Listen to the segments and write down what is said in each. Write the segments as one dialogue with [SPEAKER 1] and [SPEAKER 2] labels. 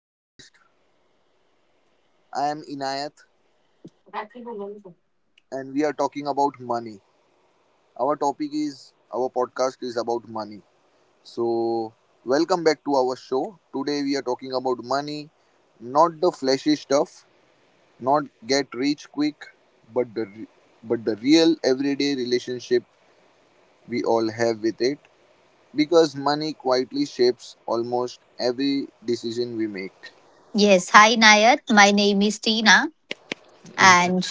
[SPEAKER 1] podcast. I am Inayat and we are talking about money. Our topic is our podcast is about money. So, welcome back to our show. Today we are talking about money, not the flashy stuff, not get rich quick, but but the real everyday relationship we all have with it because money quietly shapes almost every decision we make.
[SPEAKER 2] Yes, hi Nayat. My name is Tina, and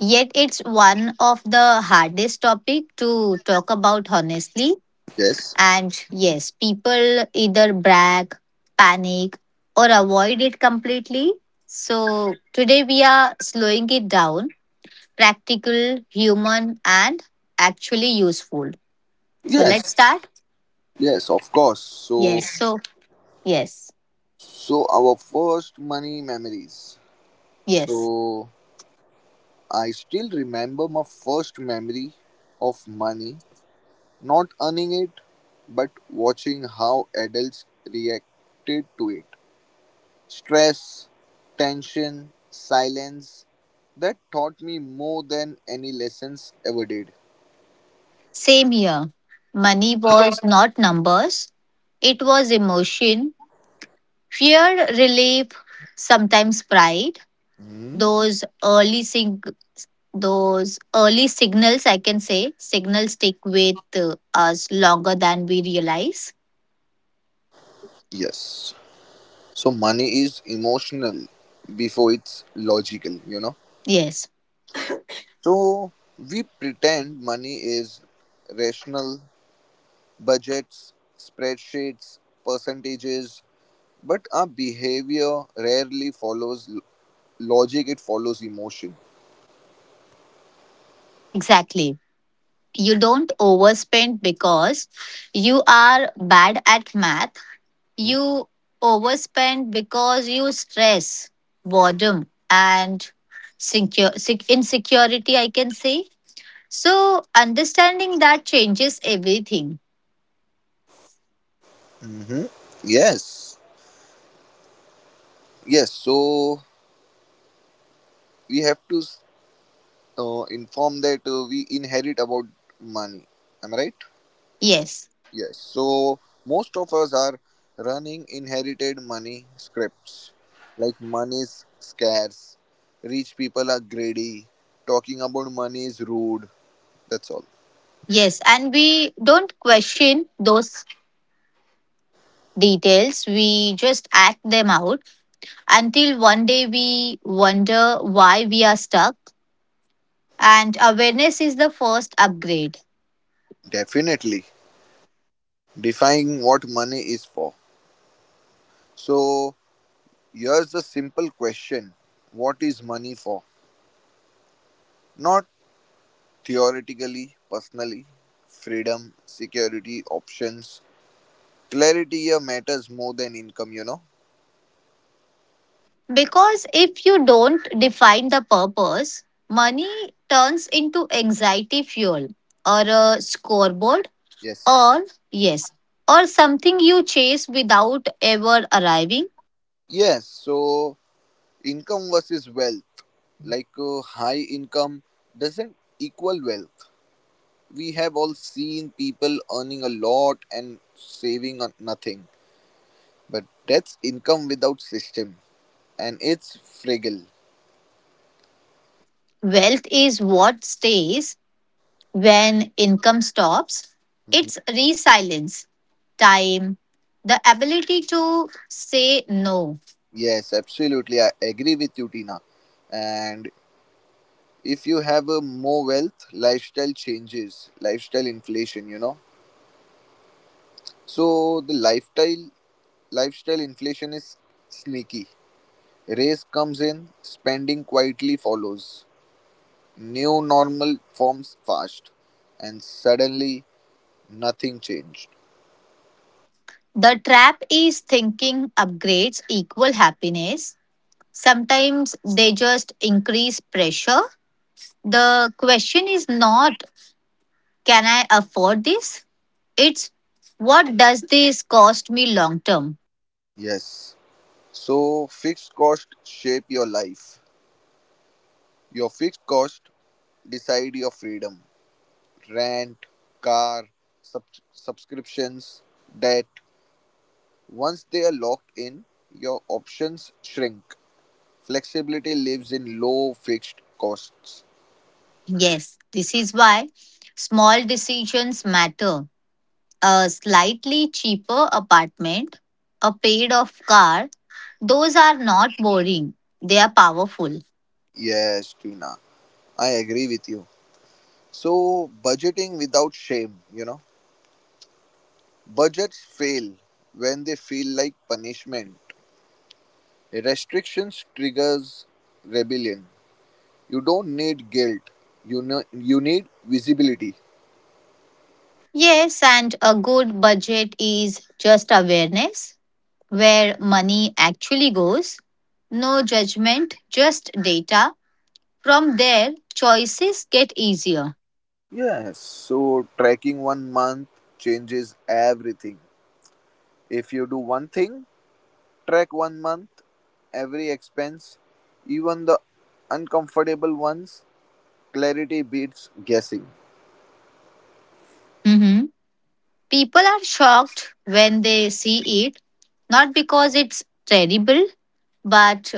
[SPEAKER 2] yet it's one of the hardest topic to talk about honestly.
[SPEAKER 1] Yes.
[SPEAKER 2] And yes, people either brag, panic, or avoid it completely. So today we are slowing it down, practical, human, and actually useful. So let's
[SPEAKER 1] Yes.
[SPEAKER 2] start.
[SPEAKER 1] Yes, of course. So,
[SPEAKER 2] Yes. So yes,
[SPEAKER 1] so our first money memories.
[SPEAKER 2] yes.
[SPEAKER 1] So, I still remember my first memory of money, not earning it, but watching how adults reacted to it. Stress, tension, silence that taught me more than any lessons ever did.
[SPEAKER 2] Same here. Money was not numbers, it was emotion, fear, relief, sometimes pride.
[SPEAKER 1] Hmm.
[SPEAKER 2] Those early sig- those early signals, I can say, signals stick with us longer than we realize.
[SPEAKER 1] Yes. So, money is emotional before it's logical, you know.
[SPEAKER 2] Yes,
[SPEAKER 1] So we pretend money is rational, budgets, spreadsheets, percentages, but our behavior rarely follows logic, it follows emotion.
[SPEAKER 2] exactly. You don't overspend because you are bad at math. You overspend because you stress, boredom, and insecurity, I can say. So, understanding that changes everything.
[SPEAKER 1] Mm-hmm. Yes, yes. So we have to inform that we inherit about money. Am I right?
[SPEAKER 2] Yes,
[SPEAKER 1] Yes, so most of us are running inherited money scripts. Like money is scarce, rich people are greedy, talking about money is rude. That's all.
[SPEAKER 2] yes. And we don't question those details, we just act them out until one day we wonder why we are stuck. And awareness is the first upgrade.
[SPEAKER 1] Definitely defying what money is for. So here's the simple question. What is money for? Not theoretically, personally, freedom, security, options. Clarity here matters more than income, you know?
[SPEAKER 2] Because if you don't define the purpose, money turns into anxiety fuel or a scoreboard
[SPEAKER 1] Yes.
[SPEAKER 2] or, yes, or something you chase without ever arriving.
[SPEAKER 1] Yes, so income versus wealth, like high income doesn't equal wealth. We have all seen people earning a lot and saving on nothing, but that's income without system and it's fragile.
[SPEAKER 2] Wealth is what stays when income stops.
[SPEAKER 1] Mhm.
[SPEAKER 2] It's resilience, time, the ability to say no.
[SPEAKER 1] Yes, absolutely, I agree with you, Tina. And if you have a more wealth lifestyle changes, lifestyle inflation, you know. So the lifestyle lifestyle inflation is sneaky. Race comes in, spending quietly follows, new normal forms fast, and suddenly nothing changed.
[SPEAKER 2] The trap is thinking upgrades equal happiness. Sometimes they just increase pressure. The question is not, can I afford this? It's, what does this cost me long term?
[SPEAKER 1] Yes. So fixed cost shape your life. Your fixed cost decide your freedom. Rent, car, sub- subscriptions, debt. Once they are locked in, your options shrink. Flexibility lives in low fixed costs.
[SPEAKER 2] Yes, this is why small decisions matter. A slightly cheaper apartment, a paid off car, those are not boring, they are powerful.
[SPEAKER 1] Yes, Tina, I agree with you. So, budgeting without shame, you know. Budgets fail when they feel like punishment. Restrictions triggers rebellion. You don't need guilt. You know, you need visibility.
[SPEAKER 2] Yes, and a good budget is just awareness, where money actually goes. No judgment, just data. From there, choices get easier.
[SPEAKER 1] Yes, so tracking one month changes everything. If you do one thing, track one month, every expense, even the uncomfortable ones, clarity beats guessing.
[SPEAKER 2] Mhm. People are shocked when they see it, not because it's terrible, but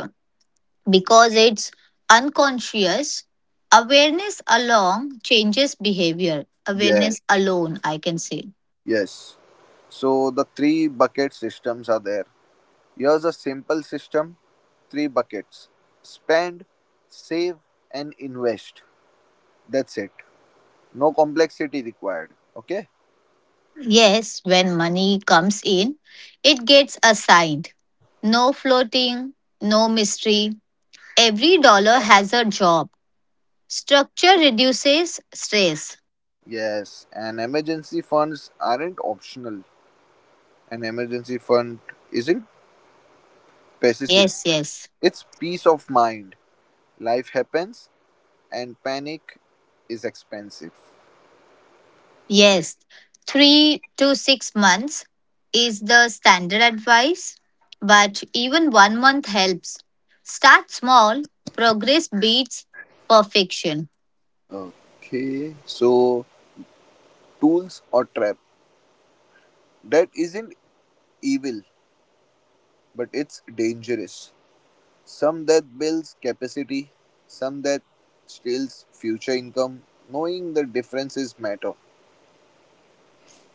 [SPEAKER 2] because it's unconscious. Awareness alone changes behavior.
[SPEAKER 1] Yes,
[SPEAKER 2] Awareness alone, I can say.
[SPEAKER 1] yes. So the three bucket systems are there. Here's a simple system, three buckets. Spend, save and invest. That's it. No complexity required. Okay?
[SPEAKER 2] Yes, when money comes in, it gets assigned. No floating, no mystery, every dollar has a job. Structure reduces stress.
[SPEAKER 1] Yes, and emergency funds aren't optional. An emergency fund isn't pessimism.
[SPEAKER 2] Yes, yes,
[SPEAKER 1] It's peace of mind. Life happens and panic is expensive.
[SPEAKER 2] yes. 3 to 6 months is the standard advice, but even one month helps. Start small, progress beats perfection.
[SPEAKER 1] Okay. So tools or trap. That isn't evil, but it's dangerous. Some that builds capacity, some that steals future income. Knowing the differences matter.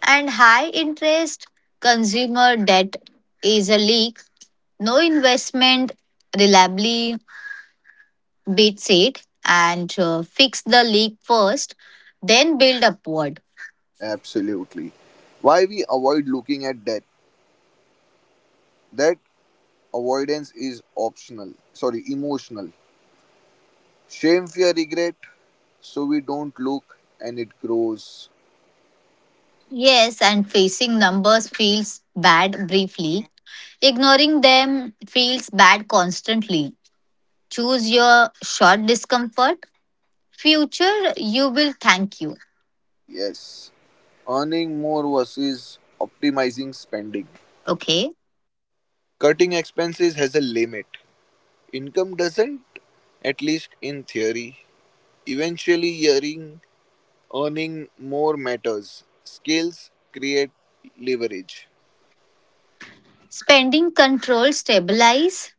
[SPEAKER 2] And high interest consumer debt is a leak. No investment reliably beats it, and fix the leak first, then build upward.
[SPEAKER 1] Absolutely. Why we avoid looking at debt? That avoidance is optional. Sorry, emotional. Shame, fear, regret. So we don't look and it grows.
[SPEAKER 2] Yes, and facing numbers feels bad briefly. Ignoring them feels bad constantly. Choose your short discomfort. Future, you will thank you.
[SPEAKER 1] Yes. Earning more versus optimizing spending.
[SPEAKER 2] Okay.
[SPEAKER 1] Cutting expenses has a limit. Income doesn't, at least in theory. Eventually earning more matters. Skills create leverage.
[SPEAKER 2] Spending control stabilize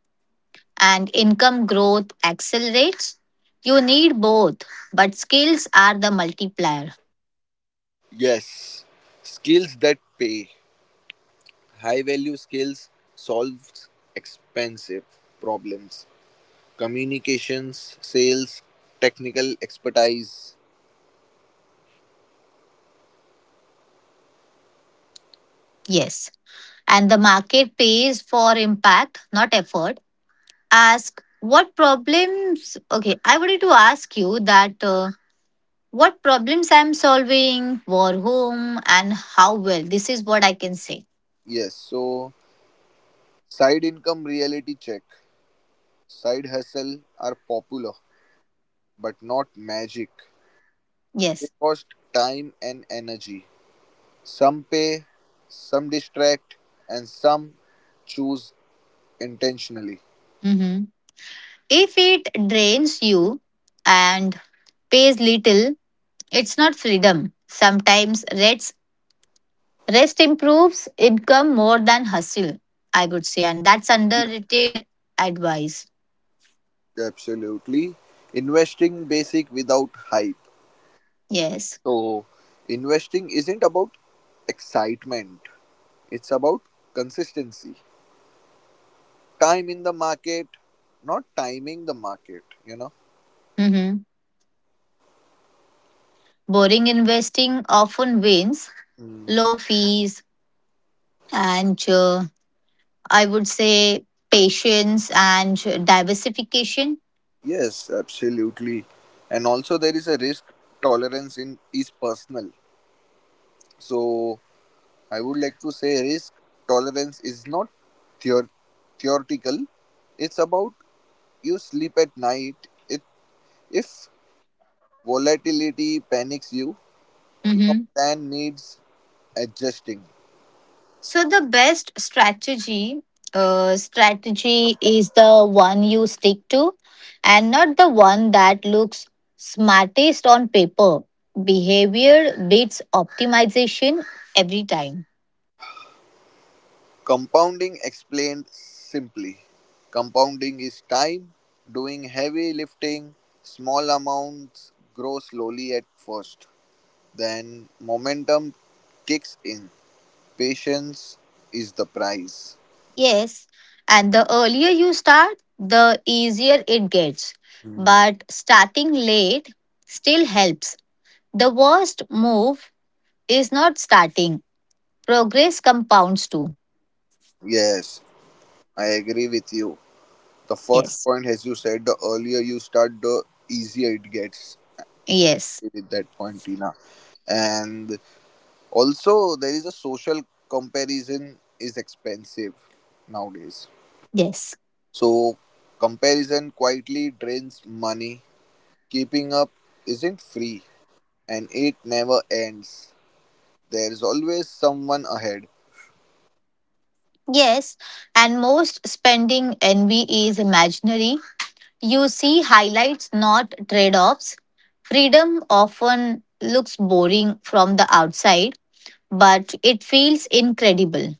[SPEAKER 2] and income growth accelerates. You need both, but skills are the multiplier.
[SPEAKER 1] Yes, skills that pay. High value skills solves expensive problems. Communications, sales, technical expertise.
[SPEAKER 2] Yes. And the market pays for impact, not effort. Ask what problems, okay, I wanted to ask you that, what problems I'm solving for whom and how well. This is what I can say.
[SPEAKER 1] Yes, so side income reality check. Side hustle are popular but not magic. They
[SPEAKER 2] Yes.
[SPEAKER 1] cost time and energy. Some pay, some distract, and some choose intentionally.
[SPEAKER 2] Mm-hmm. If it drains you and pays little, it's not freedom. Sometimes rest improves income more than hustle, I would say. And that's underrated advice.
[SPEAKER 1] Absolutely. Investing basic without hype.
[SPEAKER 2] Yes.
[SPEAKER 1] So, investing isn't about excitement, it's about consistency. Time in the market, not timing the market, you know.
[SPEAKER 2] Mm-hmm. Boring investing often wins.
[SPEAKER 1] Mm.
[SPEAKER 2] Low fees, and I would say patience and diversification.
[SPEAKER 1] Yes, absolutely. And also, there is a risk tolerance in is personal. So, I would like to say risk tolerance is not theor- theoretical. It's about you sleep at night. It, if volatility panics you, your
[SPEAKER 2] Mhm.
[SPEAKER 1] plan needs adjusting.
[SPEAKER 2] So the best strategy is the one you stick to, and not the one that looks smartest on paper. Behavior beats optimization every time.
[SPEAKER 1] Compounding explained simply. Compounding is time, doing heavy lifting, small amounts grow slowly at first. Then momentum kicks in. Patience is the prize.
[SPEAKER 2] Yes, and the earlier you start, the easier it gets.
[SPEAKER 1] Hmm.
[SPEAKER 2] But starting late still helps. The worst move is not starting. Progress compounds too.
[SPEAKER 1] Yes. I agree with you. The first
[SPEAKER 2] Yes.
[SPEAKER 1] point, as you said, the earlier you start, the easier it gets
[SPEAKER 2] Yes.
[SPEAKER 1] with that point, Tina. And also, there is a social comparison is expensive nowadays.
[SPEAKER 2] Yes.
[SPEAKER 1] So, comparison quietly drains money. Keeping up isn't free and it never ends. There is always someone ahead.
[SPEAKER 2] Yes. And most spending envy is imaginary. You see highlights, not trade offs. Freedom often looks boring from the outside, but it feels incredible.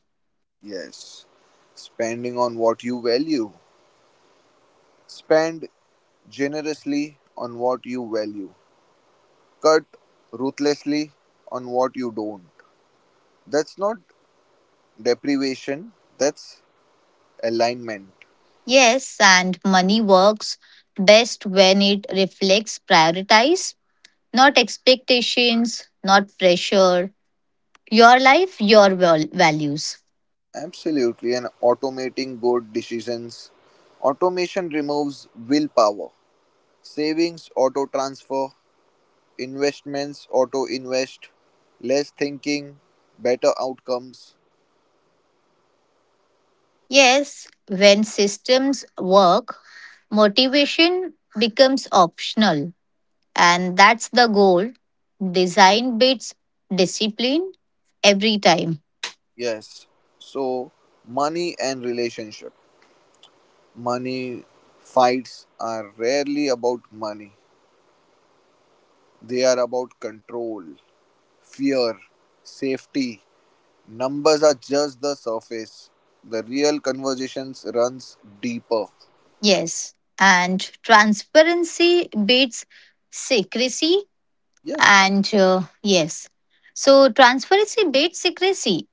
[SPEAKER 1] Yes. Spending on what you value. Spend generously on what you value, cut ruthlessly on what you don't. That's not deprivation, that's alignment.
[SPEAKER 2] Yes. And money works best when it reflects prioritize, not expectations, not pressure. Your life, values.
[SPEAKER 1] Absolutely, and automating good decisions. Automation removes willpower. Savings, auto transfer. Investments, auto invest. Less thinking, better outcomes.
[SPEAKER 2] Yes, when systems work, motivation becomes optional, and that's the goal. Design beats discipline every time.
[SPEAKER 1] Yes. So, money and relationship. Money fights are rarely about money, they are about control. Fear, safety, numbers are just the surface. The real conversations runs deeper.
[SPEAKER 2] Yes, and transparency beats secrecy,
[SPEAKER 1] Yes,
[SPEAKER 2] and yes, so transparency beats secrecy.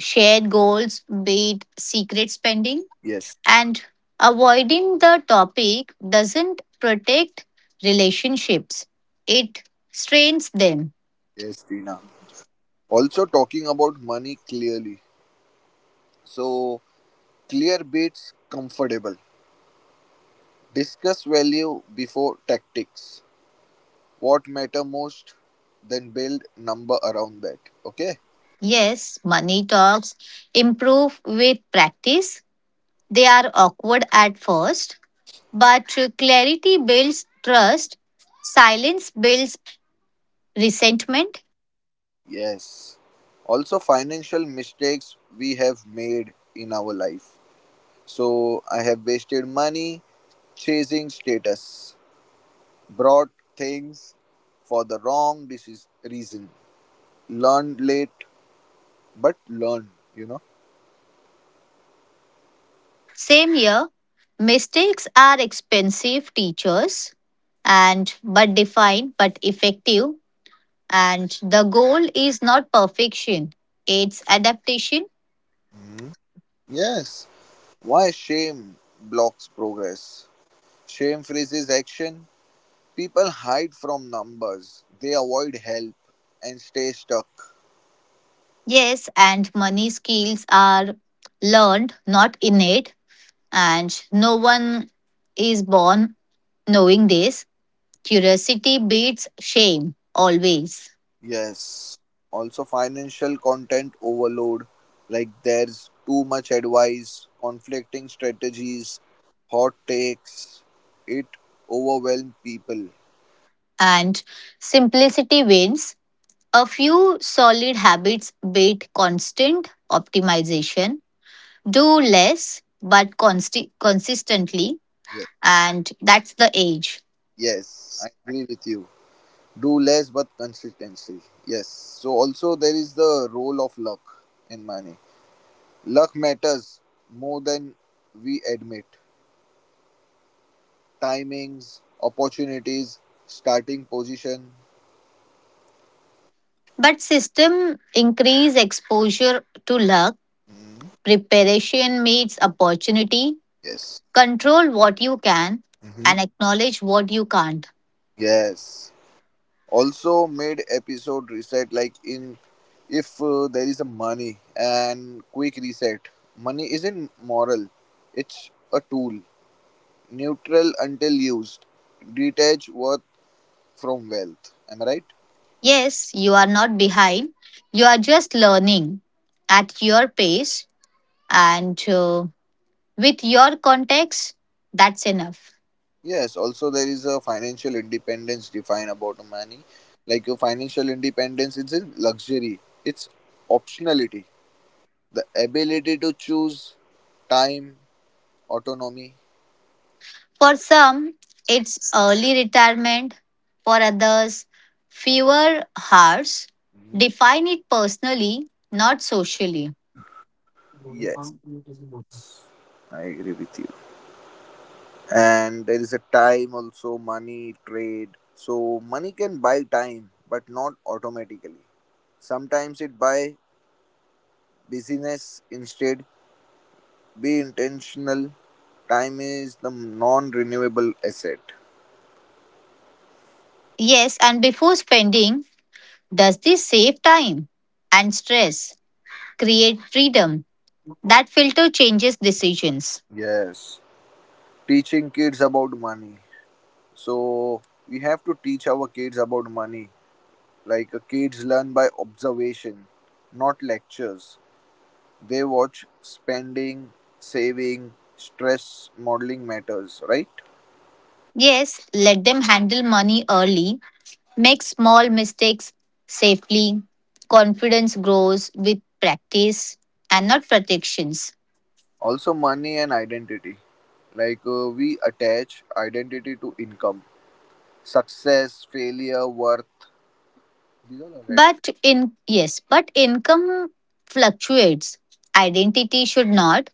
[SPEAKER 2] Shared goals beat secret spending.
[SPEAKER 1] yes,
[SPEAKER 2] And avoiding the topic doesn't protect relationships, it strains them.
[SPEAKER 1] yes, Tina. Also talking about money clearly. So clear beats comfortable. Discuss value before tactics. What matter most, then build number around that. Okay?
[SPEAKER 2] Yes, money talks improve with practice. They are awkward at first, but clarity builds trust, silence builds resentment.
[SPEAKER 1] Yes. Also financial mistakes we have made in our life. So I have wasted money chasing status, bought things for the wrong reason. Learned late, but learned, you know.
[SPEAKER 2] Same here, mistakes are expensive teachers and but defined but effective. And the goal is not perfection, it's adaptation.
[SPEAKER 1] Mhm. Yes. Why shame blocks progress? Shame freezes action. People hide from numbers. They avoid help and stay stuck.
[SPEAKER 2] Yes, and money skills are learned, not innate. And no one is born knowing this. Curiosity beats shame always.
[SPEAKER 1] Yes. Also, financial content overload. Like, there's too much advice, conflicting strategies, hot takes. It overwhelms people.
[SPEAKER 2] And simplicity wins. A few solid habits beat constant optimization. Do less, but consistently.
[SPEAKER 1] Yes.
[SPEAKER 2] And that's the age.
[SPEAKER 1] Yes. I agree with you. Do less, but consistency. Yes. So, also, there is the role of luck in money. Luck matters more than we admit. Timings, opportunities, starting position.
[SPEAKER 2] But system increase exposure to luck,
[SPEAKER 1] Mhm.
[SPEAKER 2] preparation meets opportunity,
[SPEAKER 1] Yes.
[SPEAKER 2] control what you can
[SPEAKER 1] Hmm.
[SPEAKER 2] and acknowledge what you can't.
[SPEAKER 1] Yes. Also mid episode reset, like in if there is a money and quick reset, money isn't moral, it's a tool, neutral until used. Detach worth from wealth, am I right?
[SPEAKER 2] Yes, you are not behind. You are just learning at your pace and with your context, that's enough.
[SPEAKER 1] Yes, also there is a financial independence define about money, like a financial independence isn't luxury, it's optionality, the ability to choose time, autonomy.
[SPEAKER 2] For some, it's early retirement. For others, fewer hours.
[SPEAKER 1] Mhm.
[SPEAKER 2] Define it personally, not socially.
[SPEAKER 1] Yes, I agree with you. And there is a time also money trade. So money can buy time but not automatically. Sometimes it buy busyness instead. Be intentional, time is the non-renewable asset.
[SPEAKER 2] Yes, and before spending, does this save time and stress, create freedom? That filter changes decisions.
[SPEAKER 1] Yes, teaching kids about money. So we have to teach our kids about money, like kids learn by observation, not lectures. They watch spending, saving, stress modeling matters, right?
[SPEAKER 2] Yes, let them handle money early, make small mistakes safely. Confidence grows with practice and not protections.
[SPEAKER 1] Also money and identity, like we attach identity to income, success, failure, worth. These are all right.
[SPEAKER 2] But in Yes, but income fluctuates. Identity should not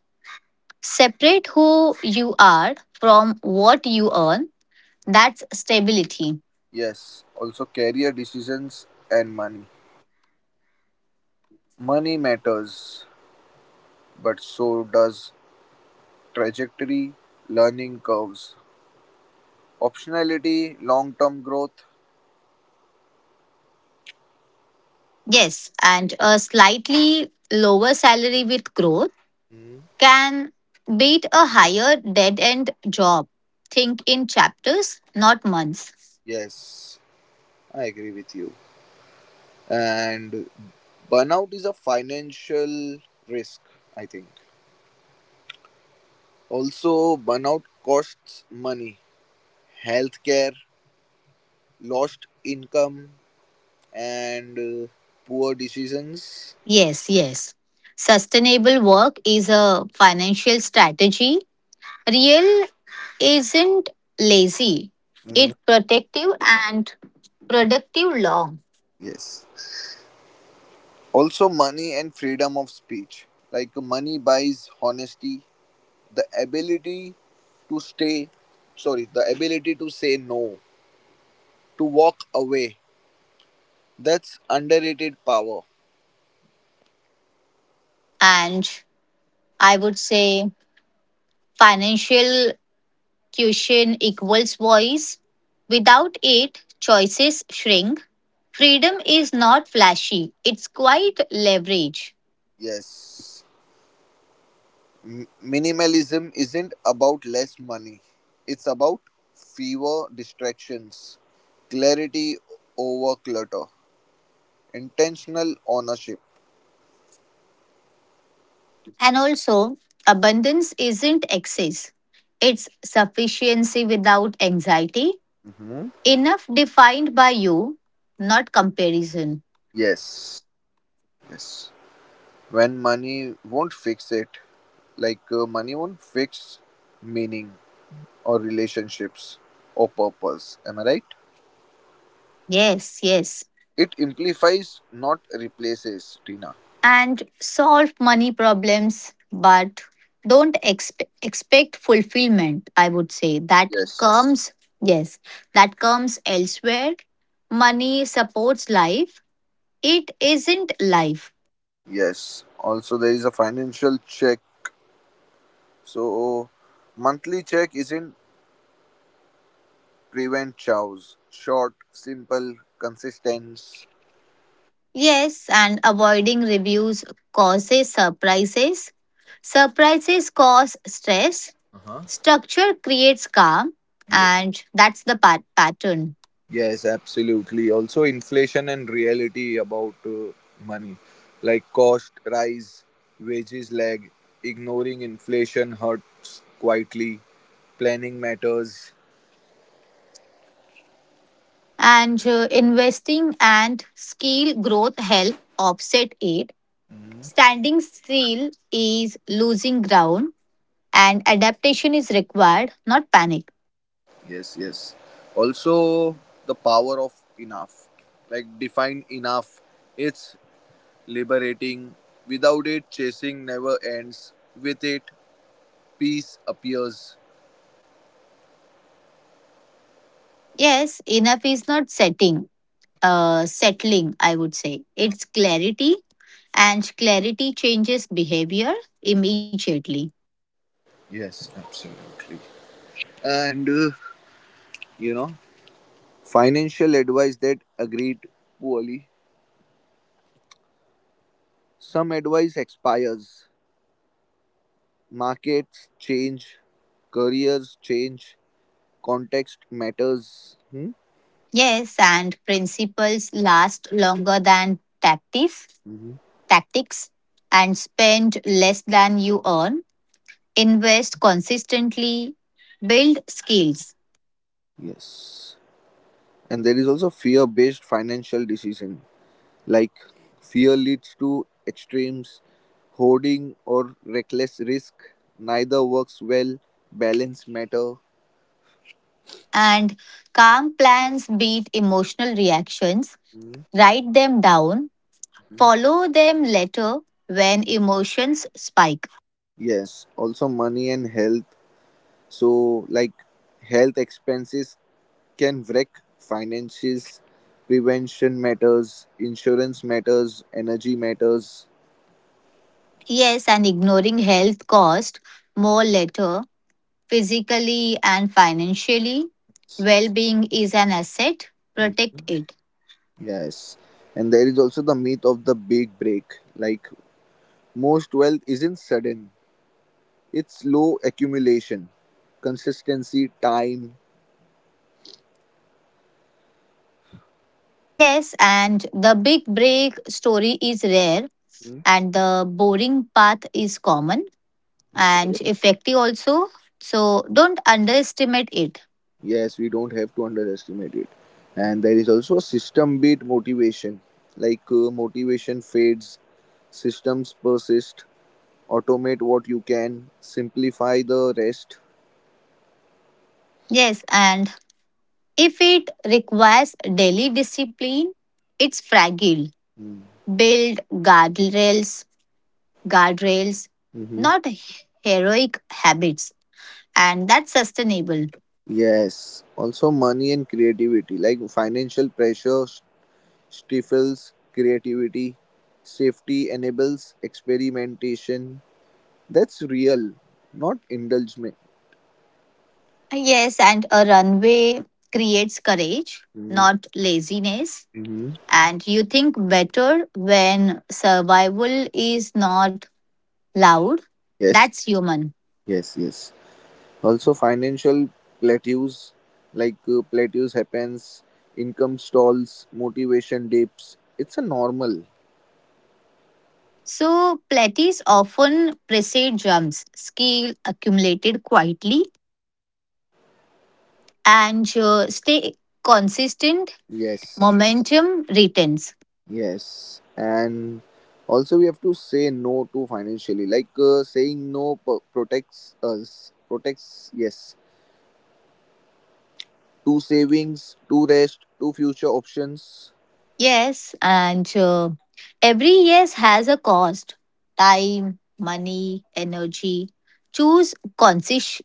[SPEAKER 2] separate who you are from what you earn. That's stability.
[SPEAKER 1] Yes, also career decisions and money. Money matters, but so does trajectory, learning curves, optionality, long term growth.
[SPEAKER 2] Yes, and a slightly lower salary with growth
[SPEAKER 1] Hmm.
[SPEAKER 2] can beat a higher dead end job. Think in chapters, not months.
[SPEAKER 1] Yes, I agree with you. And burnout is a financial risk, I think. Also burnout costs money, healthcare, lost income, and poor decisions.
[SPEAKER 2] Yes, yes. Sustainable work is a financial strategy. Real isn't lazy,
[SPEAKER 1] Hmm.
[SPEAKER 2] it's protective and productive long.
[SPEAKER 1] Yes. Also, money and freedom of speech. Like, money buys honesty, the ability to stay, sorry, the ability to say no, to walk away. That's underrated power.
[SPEAKER 2] Yes. And I would say financial cushion equals voice. Without it, choices shrink. Freedom is not flashy, it's quite leverage.
[SPEAKER 1] Yes. Minimalism isn't about less money, it's about fewer distractions, clarity over clutter, intentional ownership.
[SPEAKER 2] And also, abundance isn't excess, it's sufficiency without anxiety.
[SPEAKER 1] Hmm.
[SPEAKER 2] Enough defined by you, not comparison.
[SPEAKER 1] Yes. Yes. When money won't fix it, like money won't fix meaning or relationships or purpose, am I right?
[SPEAKER 2] Yes, yes.
[SPEAKER 1] It amplifies, not replaces, Tina.
[SPEAKER 2] And solve money problems, but don't expect fulfillment. I would say that
[SPEAKER 1] Yes.
[SPEAKER 2] comes, yes, that comes elsewhere. Money supports life, it isn't life.
[SPEAKER 1] Yes. Also there is a financial check. So monthly check isn't prevent chows, short, simple, consistent.
[SPEAKER 2] Yes, and avoiding reviews causes surprises. Surprises cause stress.
[SPEAKER 1] Uh-huh.
[SPEAKER 2] Structure creates calm, and that's the pattern.
[SPEAKER 1] Yes, absolutely. Also, inflation and reality about money, like cost rise, wages lag, ignoring inflation hurts quietly, planning matters.
[SPEAKER 2] And investing and skill growth help offset it. Standing still is losing ground and adaptation is required, not panic.
[SPEAKER 1] Yes, yes. Also, the power of enough, like define enough, it's liberating. Without it, chasing never ends. With it, peace appears.
[SPEAKER 2] Yes, enough is not settling, I would say. It's clarity and clarity changes behavior immediately.
[SPEAKER 1] Yes, absolutely. And you know, financial advice that agreed poorly. Some advice expires. Markets change, careers change, context matters. Hmm?
[SPEAKER 2] Yes, and principles last longer than tactics,
[SPEAKER 1] Mhm.
[SPEAKER 2] tactics and spend less than you earn. Invest consistently, build skills,
[SPEAKER 1] Yes. And there is also fear based financial decision. Like fear leads to extremes, hoarding or reckless risk. Neither works well. Balance matter.
[SPEAKER 2] and calm plans beat emotional reactions.
[SPEAKER 1] Hmm?
[SPEAKER 2] Write them down,
[SPEAKER 1] Mhm.
[SPEAKER 2] follow them later when emotions spike.
[SPEAKER 1] Yes. Also money and health. So like health expenses can wreck finances, prevention matters, insurance matters, energy matters.
[SPEAKER 2] Yes, and ignoring health cost more later, physically and financially. Well being is an asset, protect it.
[SPEAKER 1] Yes. And there is also the myth of the big break. Like most wealth isn't sudden. It's slow accumulation, consistency, time.
[SPEAKER 2] Yes, and the big break story is rare
[SPEAKER 1] Hmm.
[SPEAKER 2] and the boring path is common,
[SPEAKER 1] Okay.
[SPEAKER 2] and effective also. So don't underestimate it.
[SPEAKER 1] Yes, we don't have to underestimate it. And there is also a system based motivation. Like motivation fades, systems persist, automate what you can, simplify the rest.
[SPEAKER 2] Yes, and if it requires daily discipline, it's fragile.
[SPEAKER 1] Hmm.
[SPEAKER 2] Build guardrails,
[SPEAKER 1] Hmm.
[SPEAKER 2] not heroic habits, and that's sustainable.
[SPEAKER 1] Yes. Also, money and creativity, like financial pressure stifles creativity, safety enables experimentation. That's real, not indulgement.
[SPEAKER 2] Yes, and a runway creates courage,
[SPEAKER 1] Mm-hmm.
[SPEAKER 2] not laziness.
[SPEAKER 1] Mm-hmm.
[SPEAKER 2] And you think better when survival is not loud.
[SPEAKER 1] Yes,
[SPEAKER 2] That's human.
[SPEAKER 1] yes, yes. Also, financial plateaus, like plateaus happens, income stalls, motivation dips. It's a normal.
[SPEAKER 2] So, plateaus often precede jumps, scale accumulated quietly, and stay consistent,
[SPEAKER 1] Yes.
[SPEAKER 2] momentum returns.
[SPEAKER 1] Yes, and also we have to say no to financially. Like saying no protects us, protects yes, to savings, to rest, to future options.
[SPEAKER 2] Yes, and every yes has a cost, time, money, energy. Choose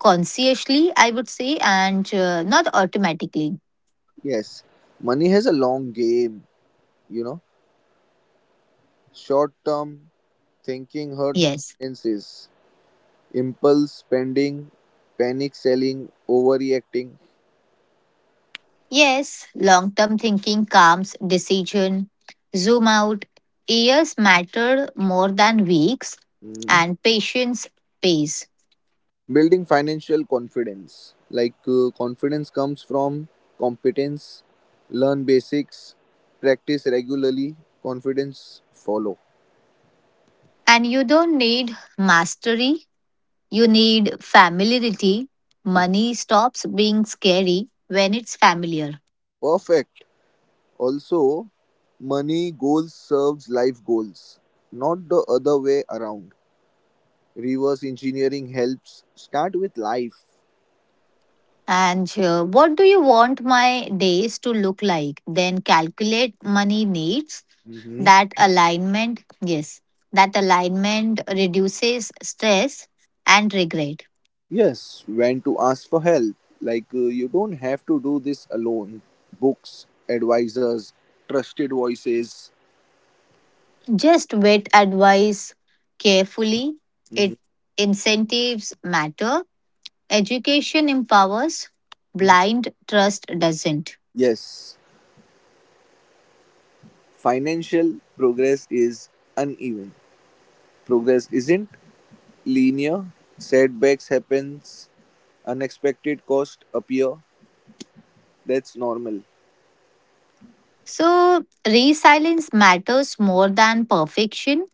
[SPEAKER 2] consciously, I would say, and not automatically.
[SPEAKER 1] Yes, money has a long game, you know. Short term thinking hurts
[SPEAKER 2] Yes.
[SPEAKER 1] finances, impulse spending, panic selling, overreacting.
[SPEAKER 2] Yes, long term thinking calms decision. Zoom out. Years matter more than weeks,
[SPEAKER 1] Hmm.
[SPEAKER 2] and patience pays.
[SPEAKER 1] Building financial confidence. Like confidence comes from competence, learn basics, practice regularly, confidence follow.
[SPEAKER 2] And you don't need mastery, you need familiarity. Money stops being scary when it's familiar.
[SPEAKER 1] Perfect. Also, money goals serves life goals, not the other way around. Reverse engineering helps start with life.
[SPEAKER 2] And what do you want my days to look like? Then calculate money needs.
[SPEAKER 1] Mhm.
[SPEAKER 2] That alignment, yes, that alignment reduces stress and regret.
[SPEAKER 1] Yes, when to ask for help. Like you don't have to do this alone. Books, advisors, trusted voices.
[SPEAKER 2] Just vet advice carefully, it
[SPEAKER 1] Mhm.
[SPEAKER 2] incentives matter, education empowers, blind trust doesn't.
[SPEAKER 1] Yes, financial progress is uneven. Progress isn't linear. Setbacks happens, unexpected costs appear. That's normal.
[SPEAKER 2] So resilience matters more than perfection.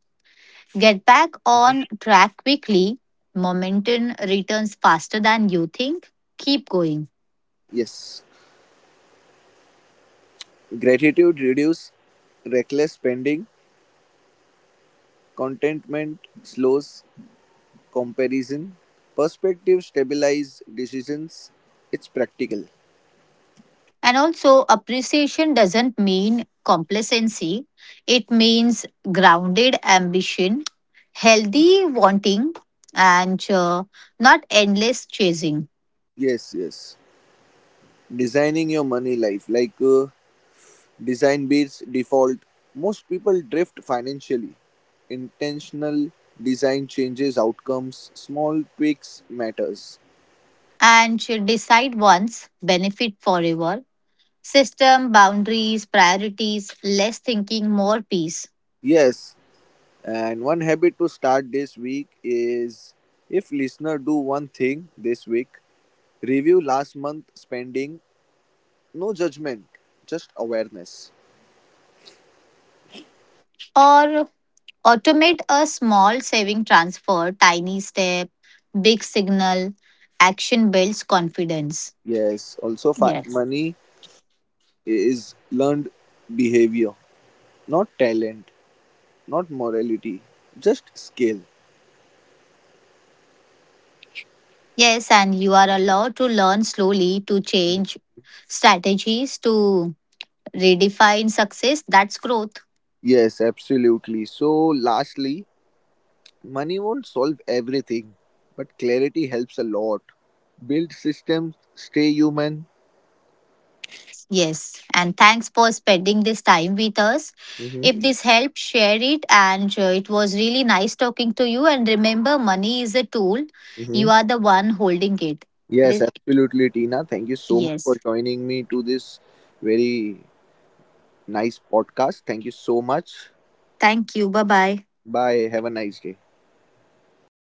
[SPEAKER 2] Get back on track quickly. Momentum returns faster than you think. Keep going.
[SPEAKER 1] Yes. Gratitude reduces reckless spending, contentment slows comparison, perspective stabilize decisions. It's practical.
[SPEAKER 2] And also, appreciation doesn't mean complacency, it means grounded ambition, healthy wanting, and not endless chasing.
[SPEAKER 1] Yes, yes. Designing your money life, like design beats default. Most people drift financially. Intentional design changes outcomes, small tweaks matters.
[SPEAKER 2] And to decide once, benefit forever. System, boundaries, priorities, less thinking, more peace.
[SPEAKER 1] Yes, and one habit to start this week is, if listener do one thing this week, review last month spending, no judgment, just awareness.
[SPEAKER 2] Or automate a small saving transfer, tiny step, big signal. Action builds confidence.
[SPEAKER 1] Yes, also
[SPEAKER 2] Yes.
[SPEAKER 1] money is learned behavior, not talent, not morality, just skill.
[SPEAKER 2] Yes, and you are allowed to learn slowly, to change strategies, to redefine success. That's growth.
[SPEAKER 1] Yes, absolutely. So lastly, money won't solve everything, but clarity helps a lot. Build systems, stay human.
[SPEAKER 2] Yes, yes. And thanks for spending this time with us.
[SPEAKER 1] Hmm.
[SPEAKER 2] If this helped, share it. And it was really nice talking to you. And remember, money is a tool,
[SPEAKER 1] Hmm.
[SPEAKER 2] you are the one holding it.
[SPEAKER 1] Yes,
[SPEAKER 2] This,
[SPEAKER 1] absolutely, Tina. Thank you so much
[SPEAKER 2] yes.
[SPEAKER 1] for joining me to this very nice podcast. Thank you so much.
[SPEAKER 2] Thank you. Bye bye.
[SPEAKER 1] Bye. Have a nice day.